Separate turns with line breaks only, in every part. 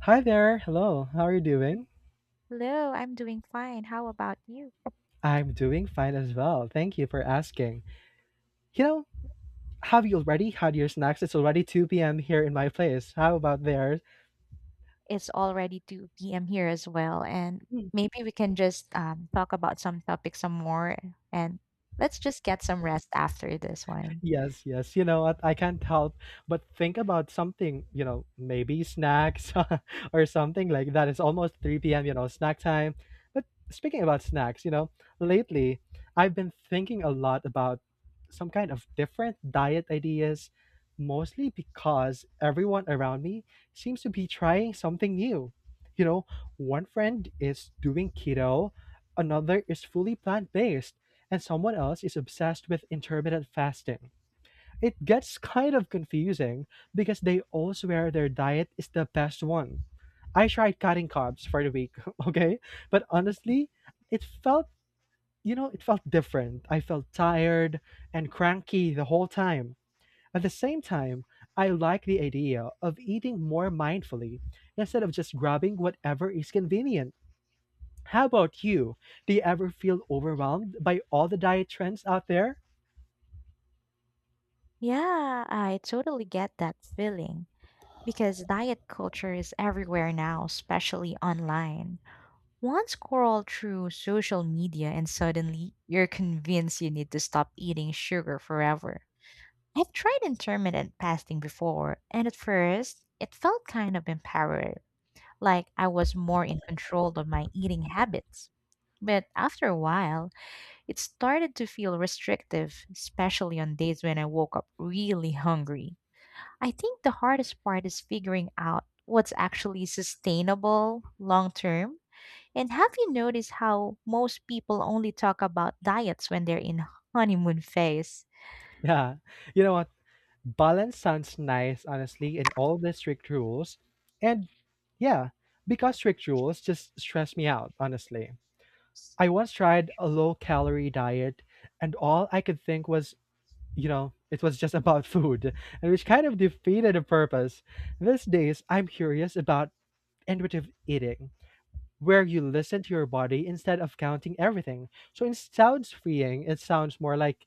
Hi there. Hello. How are you doing?
Hello, I'm doing fine. How about you?
I'm doing fine as well. Thank you for asking. You know, have you already had your snacks? It's already 2 p.m. here in my place. How about theirs?
It's already 2 p.m. here as well, and maybe we can just talk about some topics some more and let's just get some rest after this one.
Yes, yes. You know what? I can't help but think about something, maybe snacks or something like that. It's almost 3 p.m., snack time. But speaking about snacks, lately I've been thinking a lot about some kind of different diet ideas, mostly because everyone around me seems to be trying something new. You know, one friend is doing keto, another is fully plant based, and someone else is obsessed with intermittent fasting. It gets kind of confusing because they all swear their diet is the best one. I tried cutting carbs for the week, okay? But honestly, it felt different. I felt tired and cranky the whole time. At the same time, I like the idea of eating more mindfully instead of just grabbing whatever is convenient. How about you? Do you ever feel overwhelmed by all the diet trends out there?
Yeah, I totally get that feeling because diet culture is everywhere now, especially online. One scroll through social media, and suddenly you're convinced you need to stop eating sugar forever. I've tried intermittent fasting before, and at first it felt kind of empowering, like I was more in control of my eating habits. But after a while, it started to feel restrictive, especially on days when I woke up really hungry. I think the hardest part is figuring out what's actually sustainable long term. And have you noticed how most people only talk about diets when they're in honeymoon phase?
Yeah. You know what? Balance sounds nice, honestly, in all the strict rules. And yeah, because strict rules just stress me out, honestly. I once tried a low calorie diet, and all I could think was, you know, it was just about food, and which kind of defeated the purpose. These days, I'm curious about intuitive eating, where you listen to your body instead of counting everything. So it sounds freeing, it sounds more like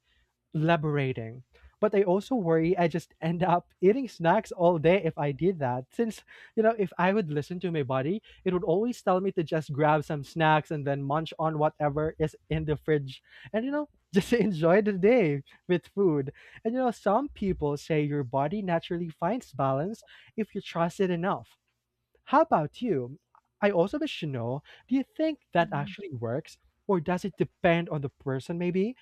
liberating. But I also worry I just end up eating snacks all day if I did that. Since, if I would listen to my body, it would always tell me to just grab some snacks and then munch on whatever is in the fridge and just enjoy the day with food. And some people say your body naturally finds balance if you trust it enough. How about you? I also wish to know, do you think that actually works or does it depend on the person, maybe?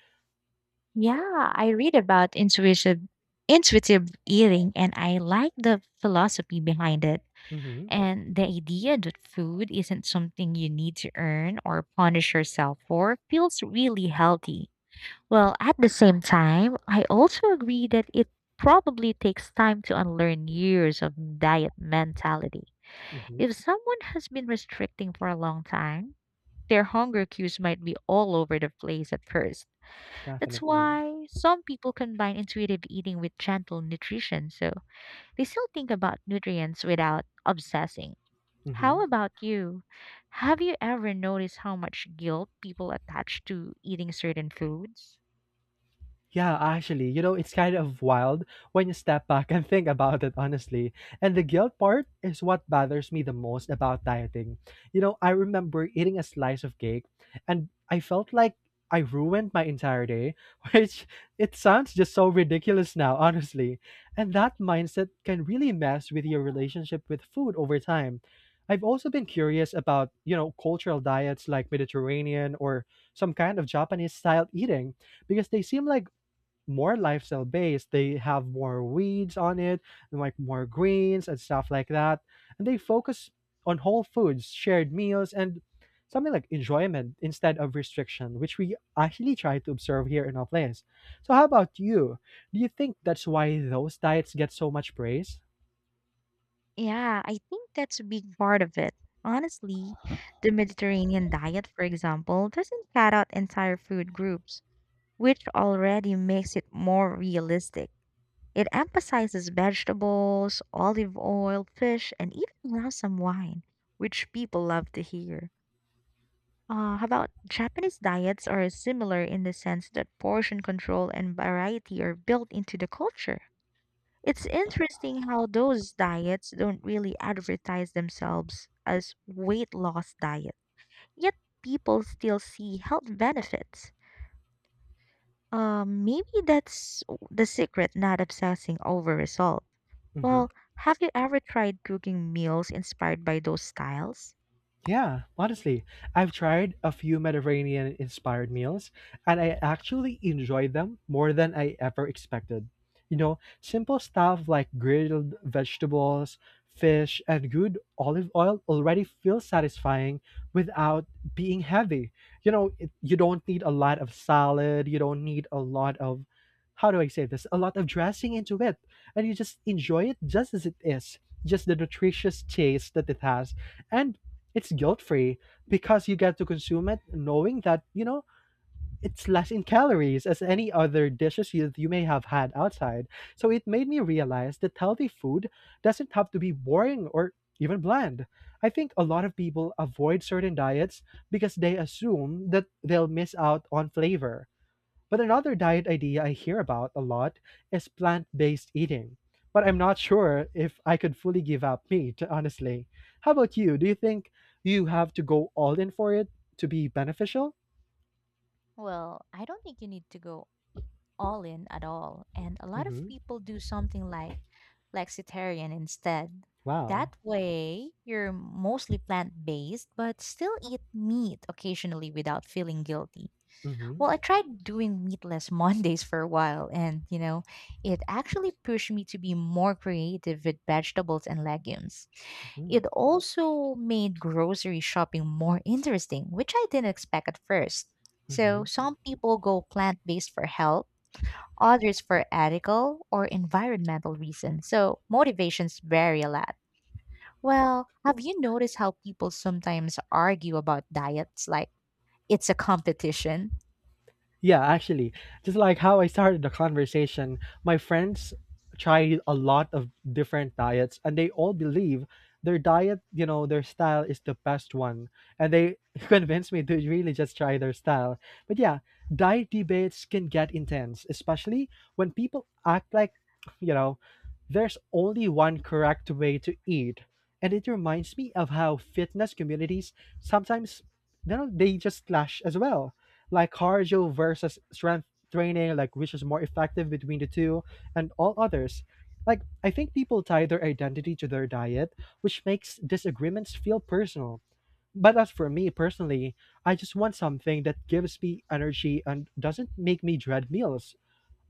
Yeah, I read about intuitive eating, and I like the philosophy behind it
Mm
and the idea that food isn't something you need to earn or punish yourself for feels really healthy. Well, at the same time, I also agree that it probably takes time to unlearn years of diet mentality.
hmm.
If someone has been restricting for a long time, their hunger cues might be all over the place at first. That's
Definitely.
why some people combine intuitive eating with gentle nutrition, so they still think about nutrients without obsessing. How
Hmm.
about you? Have you ever noticed how much guilt people attach to eating certain foods?
Yeah, actually, it's kind of wild when you step back and think about it, honestly. And the guilt part is what bothers me the most about dieting. I remember eating a slice of cake and I felt like I ruined my entire day, which it sounds just so ridiculous now, honestly. And that mindset can really mess with your relationship with food over time. I've also been curious about cultural diets like Mediterranean or some kind of Japanese style eating because they seem like more lifestyle based. They have more weeds on it, and like more greens and stuff like that. And they focus on whole foods, shared meals, and something like enjoyment instead of restriction, which we actually try to observe here in our place. So, how about you? Do you think that's why those diets get so much praise?
Yeah, I think that's a big part of it. Honestly, the Mediterranean diet, for example, doesn't cut out entire food groups, which already makes it more realistic. It emphasizes vegetables, olive oil, fish, and even allows some wine, which people love to hear. How about Japanese diets are similar in the sense that portion control and variety are built into the culture. It's interesting how those diets don't really advertise themselves as weight loss diet, yet people still see health benefits. Maybe that's the secret, not obsessing over result. Well,
Mhm.
have you ever tried cooking meals inspired by those styles?
Yeah, honestly, I've tried a few Mediterranean inspired meals and I actually enjoyed them more than I ever expected. You know, simple stuff like grilled vegetables, fish, and good olive oil already feels satisfying without being heavy. You know, it, you don't need a lot of salad, you don't need a lot of, how do I say this, a lot of dressing into it. And you just enjoy it just as it is, just the nutritious taste that it has, and it's guilt free because you get to consume it knowing that it's less in calories as any other dishes you may have had outside. So it made me realize that healthy food doesn't have to be boring or even bland. I think a lot of people avoid certain diets because they assume that they'll miss out on flavor, but another diet idea I hear about a lot is plant based eating. But I'm not sure if I could fully give up meat, honestly. How about you? Do you think you have to go all in for it to be beneficial?
Well, I don't think you need to go all in at all. And a lot of
Hmm.
people do something like flexitarian instead.
Wow.
That way, you're mostly plant based, but still eat meat occasionally without feeling guilty.
Hmm.
Well, I tried doing meatless Mondays for a while, and you know, it actually pushed me to be more creative with vegetables and legumes.
Hmm.
It also made grocery shopping more interesting, which I didn't expect at first. So, some people go plant based for health, others for ethical or environmental reasons, so motivations vary a lot. Well, have you noticed how people sometimes argue about diets like it's a competition?
Yeah, actually, just like how I started the conversation, my friends tried a lot of different diets and they all believe their diet, their style is the best one. And they convinced me to really just try their style. But yeah, diet debates can get intense, especially when people act like, you know, there's only one correct way to eat. And it reminds me of how fitness communities sometimes, they just clash as well, like cardio versus strength training, like which is more effective between the two, and all others. Like, I think people tie their identity to their diet, which makes disagreements feel personal. But as for me personally, I just want something that gives me energy and doesn't make me dread meals.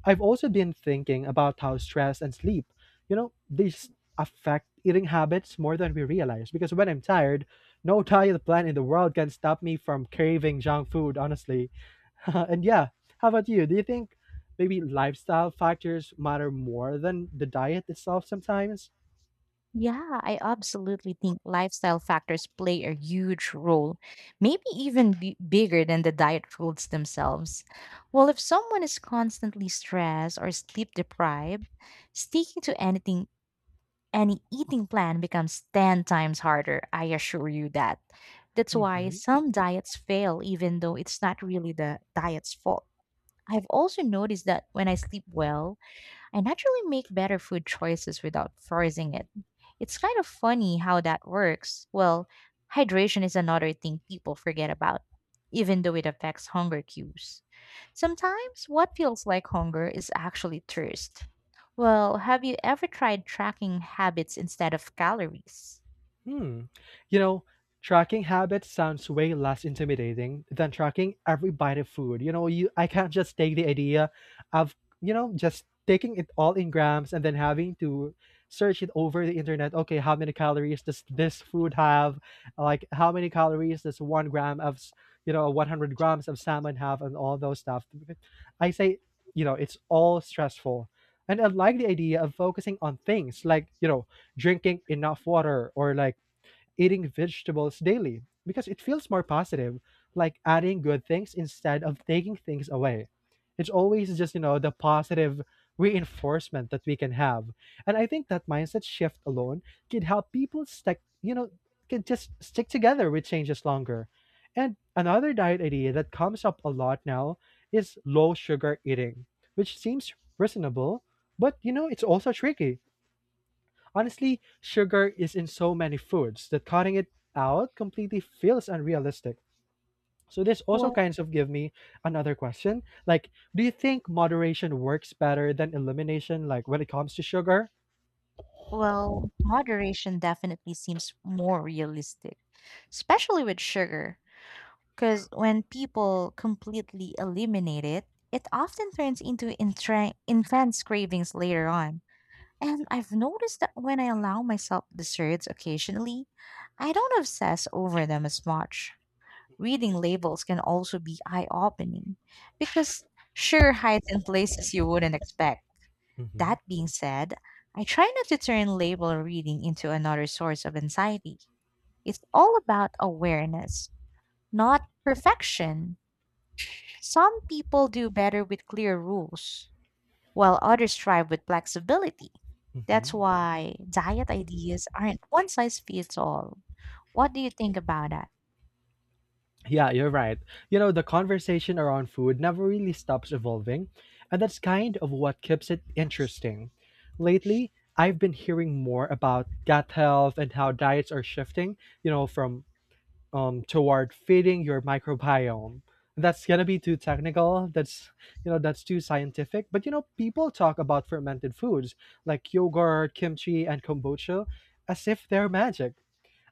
I've also been thinking about how stress and sleep, these affect eating habits more than we realize. Because when I'm tired, no diet plan in the world can stop me from craving junk food, honestly. And yeah, how about you? Do you think maybe lifestyle factors matter more than the diet itself sometimes?
Yeah, I absolutely think lifestyle factors play a huge role, maybe even bigger than the diet rules themselves. Well, if someone is constantly stressed or sleep deprived, sticking to any eating plan becomes 10 times harder, I assure you that. That's why
Hmm.
some diets fail, even though it's not really the diet's fault. I've also noticed that when I sleep well, I naturally make better food choices without forcing it. It's kind of funny how that works. Well, hydration is another thing people forget about, even though it affects hunger cues. Sometimes what feels like hunger is actually thirst. Well, have you ever tried tracking habits instead of calories?
Hmm. You know, tracking habits sounds way less intimidating than tracking every bite of food. You know, you I can't just take the idea of just taking it all in grams and then having to search it over the internet. Okay, how many calories does this food have? Like how many calories does 1 gram of 100 grams of salmon have, and all those stuff. I say, it's all stressful. And I like the idea of focusing on things like drinking enough water or like eating vegetables daily because it feels more positive, like adding good things instead of taking things away. It's always just the positive reinforcement that we can have. And I think that mindset shift alone can help people stick, can just stick together with changes longer. And another diet idea that comes up a lot now is low sugar eating, which seems reasonable, but it's also tricky. Honestly, sugar is in so many foods that cutting it out completely feels unrealistic. So this also
Well,
kinds of give me another question. Like, do you think moderation works better than elimination, like when it comes to sugar?
well, moderation definitely seems more realistic, especially with sugar. Because when people completely eliminate it, it often turns into intense cravings later on. And I've noticed that when I allow myself desserts occasionally, I don't obsess over them as much. Reading labels can also be eye opening because sugar hides in places you wouldn't expect.
Hmm.
That being said, I try not to turn label reading into another source of anxiety. It's all about awareness, not perfection. Some people do better with clear rules, while others thrive with flexibility. That's
Hmm.
why diet ideas aren't one size fits all. What do you think about that?
Yeah, you're right. The conversation around food never really stops evolving, and that's kind of what keeps it interesting. Lately, I've been hearing more about gut health and how diets are shifting from toward feeding your microbiome. That's gonna be too technical. That's too scientific. But people talk about fermented foods like yogurt, kimchi, and kombucha as if they're magic.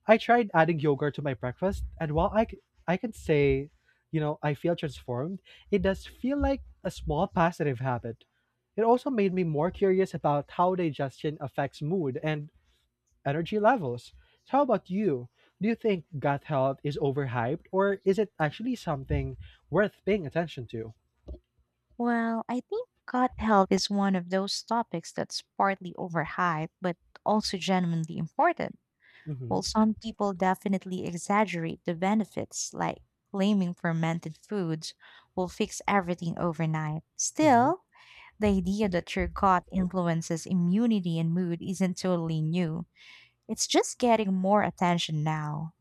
I tried adding yogurt to my breakfast, and while I can say, I feel transformed, it does feel like a small positive habit. It also made me more curious about how digestion affects mood and energy levels. So how about you? Do you think gut health is overhyped or is it actually something worth paying attention to?
Well, I think gut health is one of those topics that's partly overhyped, but also genuinely important. While
Mm-hmm,
some people definitely exaggerate the benefits, like claiming fermented foods will fix everything overnight.
mm-hmm,
Still, the idea that your gut influences immunity and mood isn't totally new. It's just getting more attention now.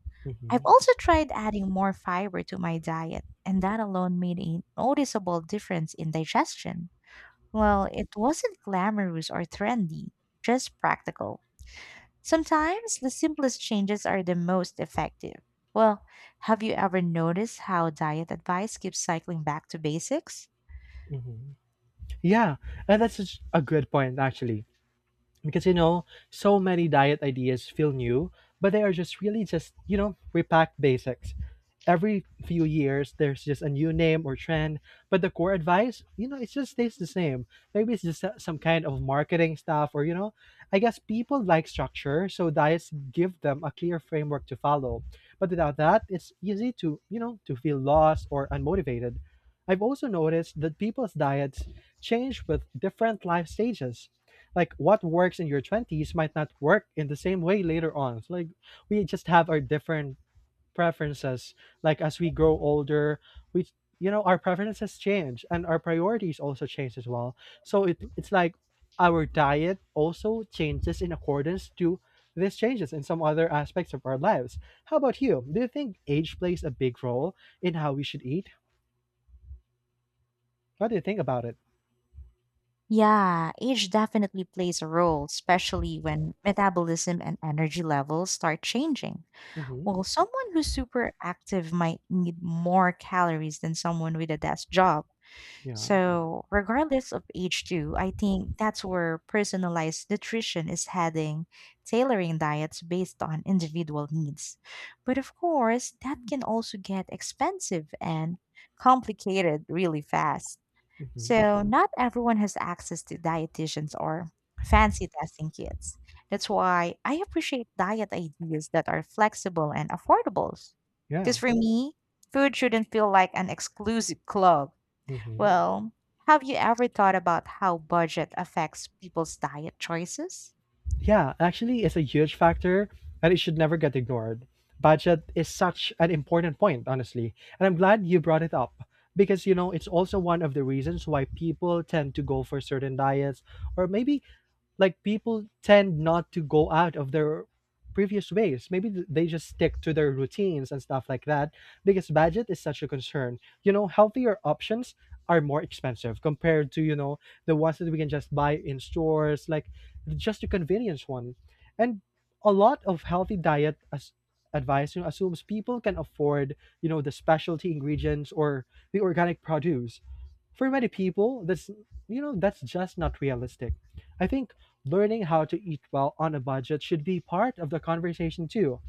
I've
mm-hmm,
also tried adding more fiber to my diet, and that alone made a noticeable difference in digestion. Well, it wasn't glamorous or trendy, just practical. Sometimes the simplest changes are the most effective. Well, have you ever noticed how diet advice keeps cycling back to basics?
mm-hmm. Yeah, and that's such a good point, actually, because so many diet ideas feel new, but they are just really just repacked basics. Every few years there's just a new name or trend, but the core advice, it just stays the same. Maybe it's just some kind of marketing stuff, or I guess people like structure, so diets give them a clear framework to follow. But without that it's easy to to feel lost or unmotivated. I've also noticed that people's diets change with different life stages, like what works in your 20s might not work in the same way later on. So like we just have our different preferences. Like as we grow older, we you know our preferences change and our priorities also change as well. So it's like our diet also changes in accordance to these changes in some other aspects of our lives. How about you? Do you think age plays a big role in how we should eat? What do you think about it?
Yeah, age definitely plays a role, especially when metabolism and energy levels start changing.
Hmm.
Well, someone who's super active might need more calories than someone with a desk job.
Yeah.
So, regardless of age, too, I think that's where personalized nutrition is heading, tailoring diets based on individual needs. But of course, that can also get expensive and complicated really fast.
Hmm.
So, not everyone has access to dietitians or fancy testing kits. That's why I appreciate diet ideas that are flexible and affordable.
Yeah.
Because for me, food shouldn't feel like an exclusive club.
Hmm.
Well, have you ever thought about how budget affects people's diet choices?
Yeah, actually, it's a huge factor and it should never get ignored. Budget is such an important point, honestly. And I'm glad you brought it up because, it's also one of the reasons why people tend to go for certain diets, or maybe like people tend not to go out of their previous ways. Maybe they just stick to their routines and stuff like that because budget is such a concern. You know, healthier options are more expensive compared to, the ones that we can just buy in stores, like just a convenience one. And a lot of healthy diet as advice assumes people can afford, the specialty ingredients or the organic produce. For many people, that's just not realistic. I think learning how to eat well on a budget should be part of the conversation too.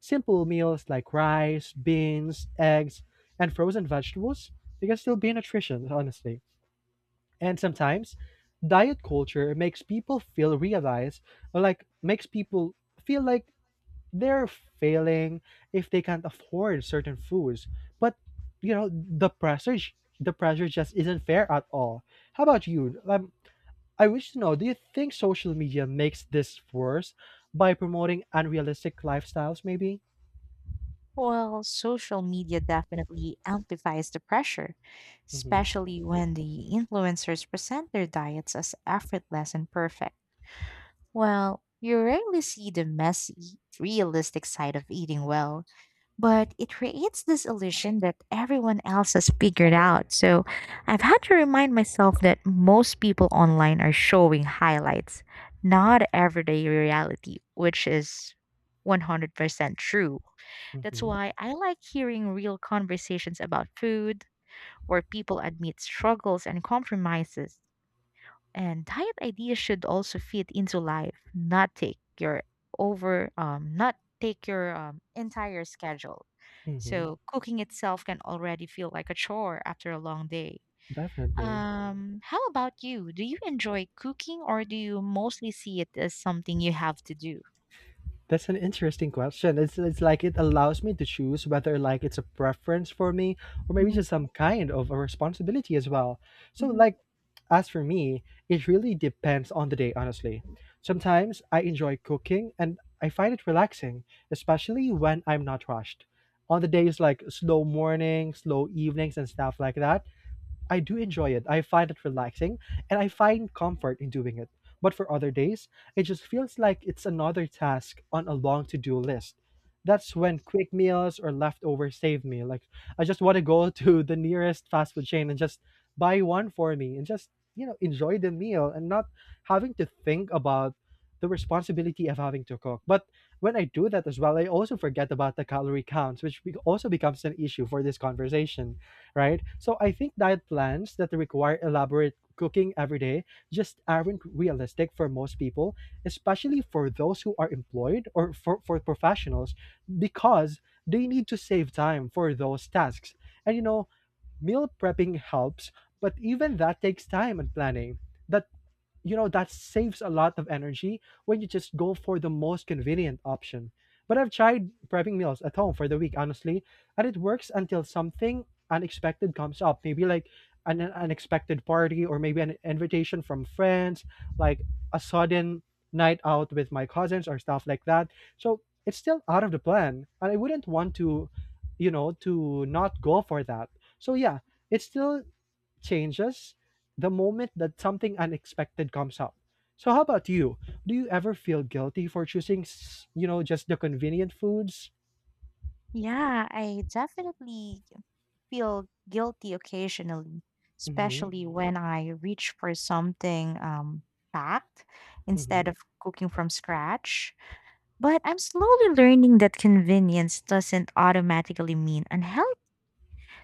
Simple meals like rice, beans, eggs, and frozen vegetables, they can still be nutrition, honestly. And sometimes diet culture makes people feel realize or like makes people feel like they're failing if they can't afford certain foods. But you know, the pressure the pressure just isn't fair at all. How about you? I wish to know, do you think social media makes this worse by promoting unrealistic lifestyles maybe?
Well, social media definitely amplifies the pressure,
Mhm.
especially when the influencers present their diets as effortless and perfect. Well, you rarely see the messy, realistic side of eating well, but it creates this illusion that everyone else has figured out. So I've had to remind myself that most people online are showing highlights, not everyday reality, which is 100% true. That's
Mhm.
why I like hearing real conversations about food where people admit struggles and compromises. And diet ideas should also fit into life, not take your over not take your entire schedule.
Mhm.
So cooking itself can already feel like a chore after a long day.
Definitely.
How about you? Do you enjoy cooking or do you mostly see it as something you have to do?
That's an interesting question. It's like it allows me to choose whether like it's a preference for me or maybe
Mhm,
just some kind of a responsibility as well. So
mhm.
like as for me, it really depends on the day, honestly. Sometimes I enjoy cooking and I find it relaxing, especially when I'm not rushed. On the days like slow mornings, slow evenings and stuff like that, I do enjoy it. I find it relaxing and I find comfort in doing it. But for other days, it just feels like it's another task on a long to do list. That's when quick meals or leftovers save me. Like, I just want to go to the nearest fast food chain and just buy one for me and just, enjoy the meal and not having to think about the responsibility of having to cook. But when I do that as well, I also forget about the calorie counts, which also becomes an issue for this conversation right? So I think diet plans that require elaborate cooking every day just aren't realistic for most people, especially for those who are employed or for professionals, because they need to save time for those tasks. And meal prepping helps, but even that takes time and planning. That you know that saves a lot of energy when you just go for the most convenient option, but I've tried prepping meals at home for the week, honestly, and it works until something unexpected comes up, maybe like an unexpected party or maybe an invitation from friends, like a sudden night out with my cousins or stuff like that. So it's still out of the plan and I wouldn't want to, to not go for that. So yeah, it's still changes the moment that something unexpected comes up. So how about you? Do you ever feel guilty for choosing, just the convenient foods?
Yeah, I definitely feel guilty occasionally,
Mm-hmm.
especially when I reach for something packed
Mm-hmm.
instead of cooking from scratch. But I'm slowly learning that convenience doesn't automatically mean unhealthy.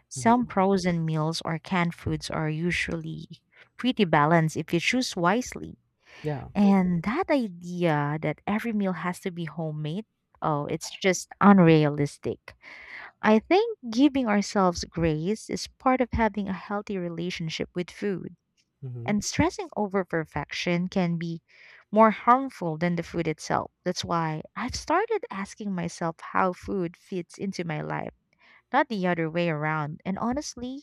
Some
Mm-hmm.
frozen meals or canned foods are usually pretty balanced if you choose wisely.
Yeah.
And that idea that every meal has to be homemade, oh, it's just unrealistic. I think giving ourselves grace is part of having a healthy relationship with food,
Mm-hmm.
and stressing over perfection can be more harmful than the food itself. That's why I've started asking myself how food fits into my life, not the other way around. And honestly,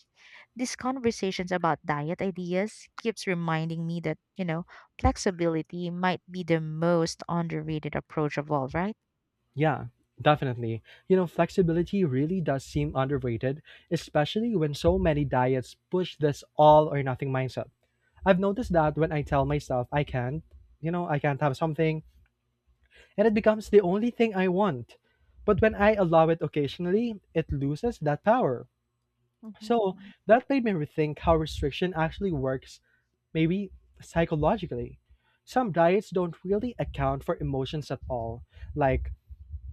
these conversations about diet ideas keeps reminding me that, flexibility might be the most underrated approach of all, right?
Yeah. Definitely. You know, flexibility really does seem underrated, especially when so many diets push this all or nothing mindset. I've noticed that when I tell myself I can't, I can't have something, and it becomes the only thing I want. But when I allow it occasionally, it loses that power.
Mhm.
So that made me rethink how restriction actually works, maybe psychologically. Some diets don't really account for emotions at all, like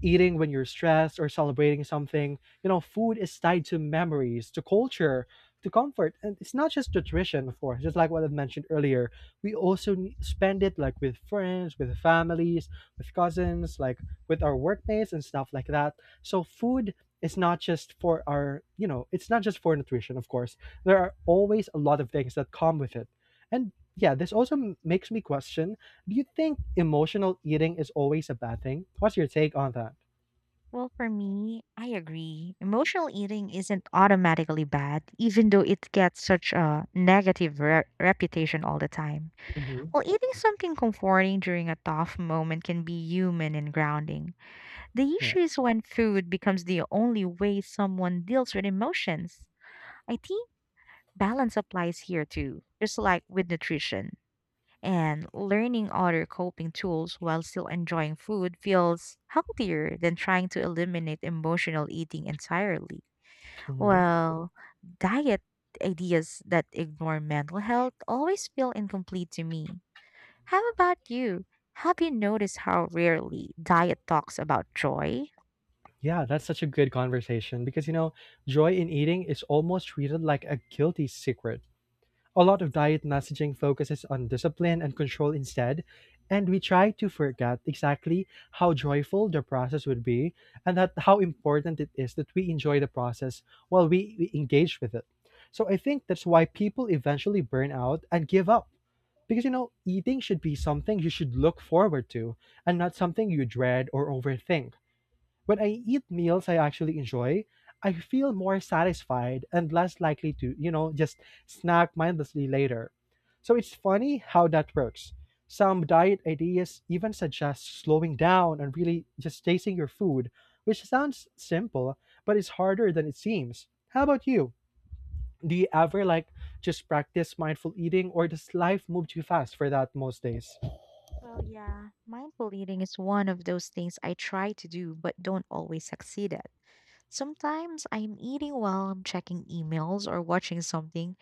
eating when you're stressed or celebrating something. You know, food is tied to memories, to culture, to comfort. And it's not just nutrition, of course, just like what I have mentioned earlier. We also spend it like with friends, with families, with cousins, like with our workmates and stuff like that. So food is not just for our, it's not just for nutrition, of course. There are always a lot of things that come with it. And yeah, this also makes me question, do you think emotional eating is always a bad thing? What's your take on that?
Well, for me, I agree. Emotional eating isn't automatically bad, even though it gets such a negative reputation all the time.
Hmm.
Well, eating something comforting during a tough moment can be human and grounding. The
Yes.
issue is when food becomes the only way someone deals with emotions. I think balance applies here too, just like with nutrition. And learning other coping tools while still enjoying food feels healthier than trying to eliminate emotional eating entirely.
Hmm.
Well, diet ideas that ignore mental health always feel incomplete to me. How about you? Have you noticed how rarely diet talks about joy?
Yeah, that's such a good conversation because, you know, joy in eating is almost treated like a guilty secret. A lot of diet messaging focuses on discipline and control instead, and we try to forget exactly how joyful the process would be and that how important it is that we enjoy the process while we engage with it. So I think that's why people eventually burn out and give up. Because you know, eating should be something you should look forward to and not something you dread or overthink. When I eat meals I actually enjoy, I feel more satisfied and less likely to, just snack mindlessly later. So it's funny how that works. Some diet ideas even suggest slowing down and really just tasting your food, which sounds simple, but it's harder than it seems. How about you? Do you ever like just practice mindful eating or does life move too fast for that most days?
Well, yeah, mindful eating is one of those things I try to do but don't always succeed at. Sometimes I'm eating while I'm checking emails or watching something,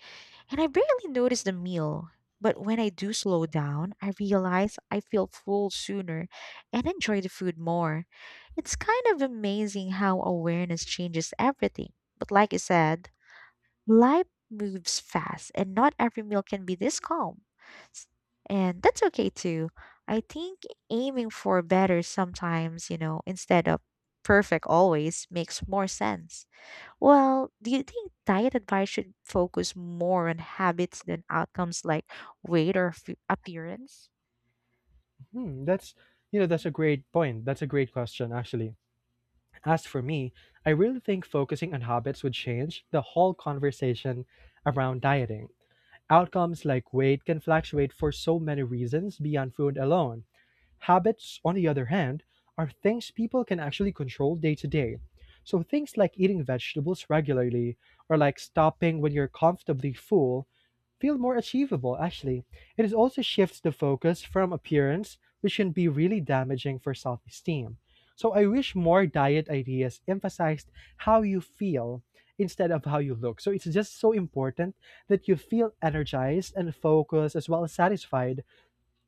and I barely notice the meal. But when I do slow down, I realize I feel full sooner and enjoy the food more. It's kind of amazing how awareness changes everything. But like I said, life moves fast and not every meal can be this calm. S- And that's okay too. I think aiming for better sometimes, instead of perfect always makes more sense. Well, do you think diet advice should focus more on habits than outcomes like weight or appearance?
Hmm, that's you know that's a great point. That's a great question actually. As for me, I really think focusing on habits would change the whole conversation around dieting. Outcomes like weight can fluctuate for so many reasons beyond food alone. Habits, on the other hand, are things people can actually control day to day. So things like eating vegetables regularly or like stopping when you're comfortably full feel more achievable actually. It is also shifts the focus from appearance, which can be really damaging for self esteem. So I wish more diet ideas emphasized how you feel instead of how you look. So it's just so important that you feel energized and focused as well as satisfied,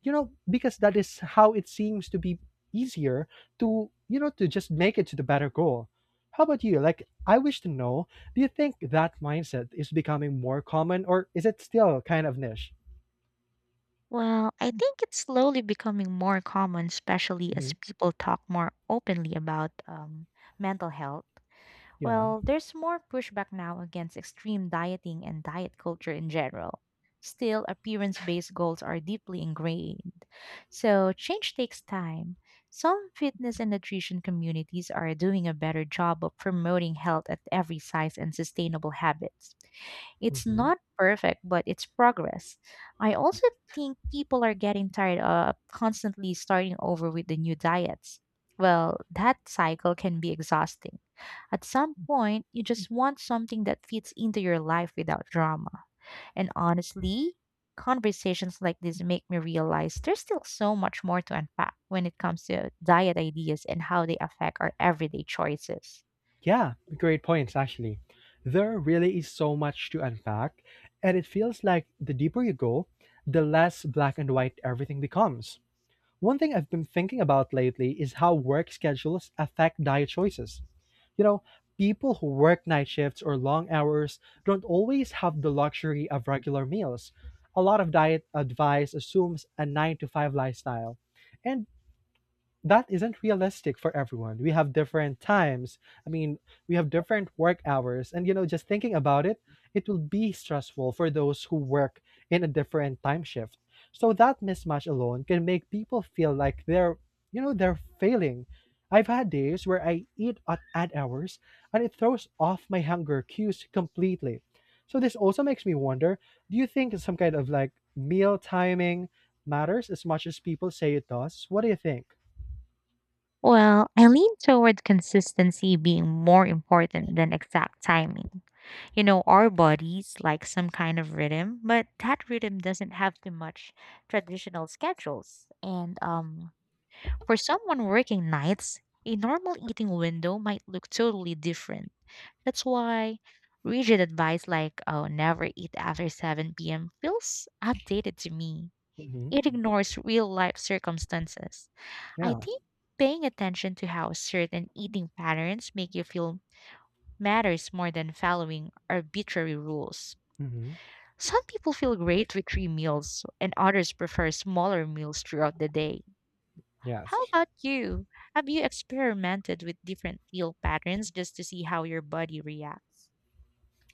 because that is how it seems to be easier to, to just make it to the better goal. How about you? Like I wish to know, do you think that mindset is becoming more common or is it still kind of niche?
Well, I think it's slowly becoming more common, especially as
Hmm.
people talk more openly about mental health.
Yeah.
Well, there's more pushback now against extreme dieting and diet culture in general. Still, appearance based goals are deeply ingrained. So, change takes time. Some fitness and nutrition communities are doing a better job of promoting health at every size and sustainable habits. It's
Hmm.
not perfect, but it's progress. I also think people are getting tired of constantly starting over with the new diets. Well, that cycle can be exhausting. At some point, you just want something that fits into your life without drama. And honestly, conversations like this make me realize there's still so much more to unpack when it comes to diet ideas and how they affect our everyday choices.
Yeah, great points actually. There really is so much to unpack, and it feels like the deeper you go, the less black and white everything becomes. One thing I've been thinking about lately is how work schedules affect diet choices. You know, people who work night shifts or long hours don't always have the luxury of regular meals. A lot of diet advice assumes a 9 to 5 lifestyle. And that isn't realistic for everyone. We have different times. I mean, we have different work hours. And, you know, just thinking about it, it will be stressful for those who work in a different time shift. So that mismatch alone can make people feel like they're, they're failing. I've had days where I eat at odd hours and it throws off my hunger cues completely. So this also makes me wonder, do you think some kind of like meal timing matters as much as people say it does? What do you think?
Well, I lean toward consistency being more important than exact timing. You know, our bodies like some kind of rhythm, but that rhythm doesn't have too much traditional schedules. And for someone working nights, a normal eating window might look totally different. That's why rigid advice like "oh, never eat after 7 p.m." feels outdated to me.
Mhm.
It ignores real life circumstances. I
Yeah.
think paying attention to how certain eating patterns make you feel matters more than following arbitrary rules.
Mhm.
Some people feel great with three meals, and others prefer smaller meals throughout the day. How
Yes.
about you? Have you experimented with different meal patterns just to see how your body reacts?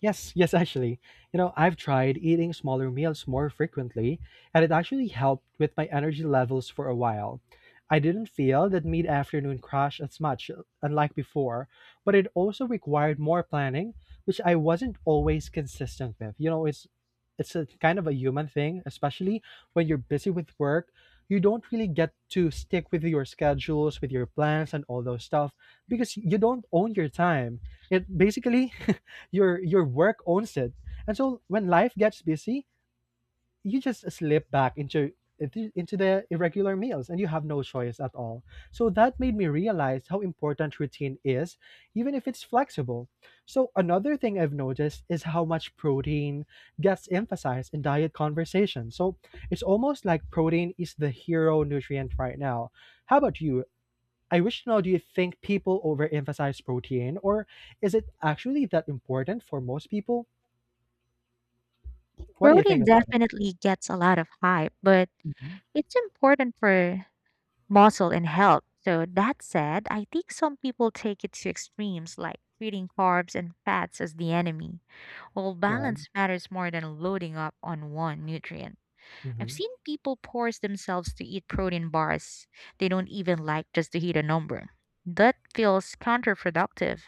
Yes, yes, actually. You know, I've tried eating smaller meals more frequently, and it actually helped with my energy levels for a while. I didn't feel that mid afternoon crash as much, unlike before, but it also required more planning, which I wasn't always consistent with. You know, it's a kind of a human thing, especially when you're busy with work. You don't really get to stick with your schedules, with your plans, and all those stuff because you don't own your time. It basically your work owns it. And so when life gets busy, you just slip back into into the irregular meals and you have no choice at all. So that made me realize how important routine is, even if it's flexible. So another thing I've noticed is how much protein gets emphasized in diet conversations. So it's almost like protein is the hero nutrient right now. How about you? I wish to know, do you think people overemphasize protein or is it actually that important for most people? What do you think
Protein
about it?
definitely gets a lot of hype, but
Mhm.
it's important for muscle and health. So that said, I think some people take it to extremes like treating carbs and fats as the enemy. While
Yeah.
balance matters more than loading up on one nutrient. I've
Mhm.
seen people force themselves to eat protein bars they don't even like just to hit a number. That feels counterproductive.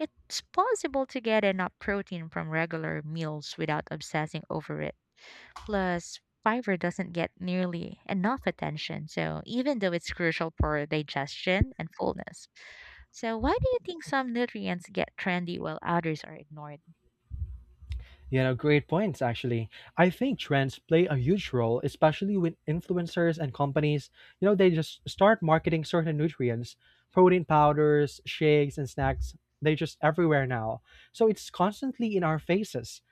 It's possible to get enough protein from regular meals without obsessing over it. Plus, fiber doesn't get nearly enough attention, so even though it's crucial for digestion and fullness. So, why do you think some nutrients get trendy while others are ignored?
You know, great points, actually. I think trends play a huge role, especially with influencers and companies. You know, they just start marketing certain nutrients, protein powders, shakes, and snacks. They're just everywhere now. So it's constantly in our faces.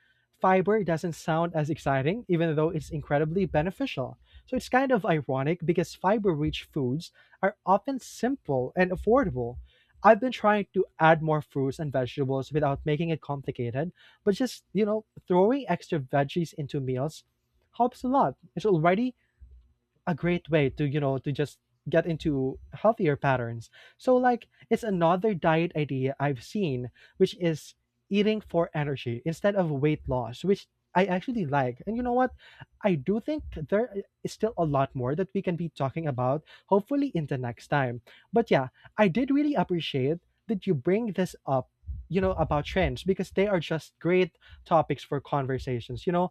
Fiber doesn't sound as exciting, even though it's incredibly beneficial. So it's kind of ironic because fiber rich foods are often simple and affordable. I've been trying to add more fruits and vegetables without making it complicated, but just, throwing extra veggies into meals helps a lot. It's already a great way to, to just get into healthier patterns. So like it's another diet idea I've seen, which is eating for energy instead of weight loss, which I actually like. And you know what, I do think there is still a lot more that we can be talking about, hopefully in the next time. But yeah, I did really appreciate that you bring this up, you know, about trends because they are just great topics for conversations, you know.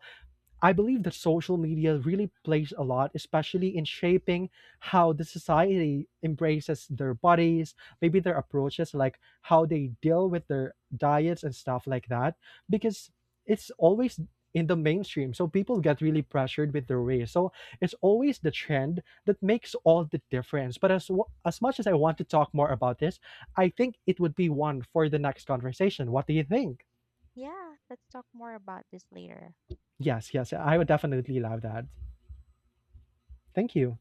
I believe that social media really plays a lot, especially in shaping how the society embraces their bodies, maybe their approaches, like how they deal with their diets and stuff like that, because it's always in the mainstream. So people get really pressured with their weight. So it's always the trend that makes all the difference. But as as much as I want to talk more about this, I think it would be one for the next conversation. What do you think?
Yeah, let's talk more about this later.
Yes, yes, I would definitely love that. Thank you.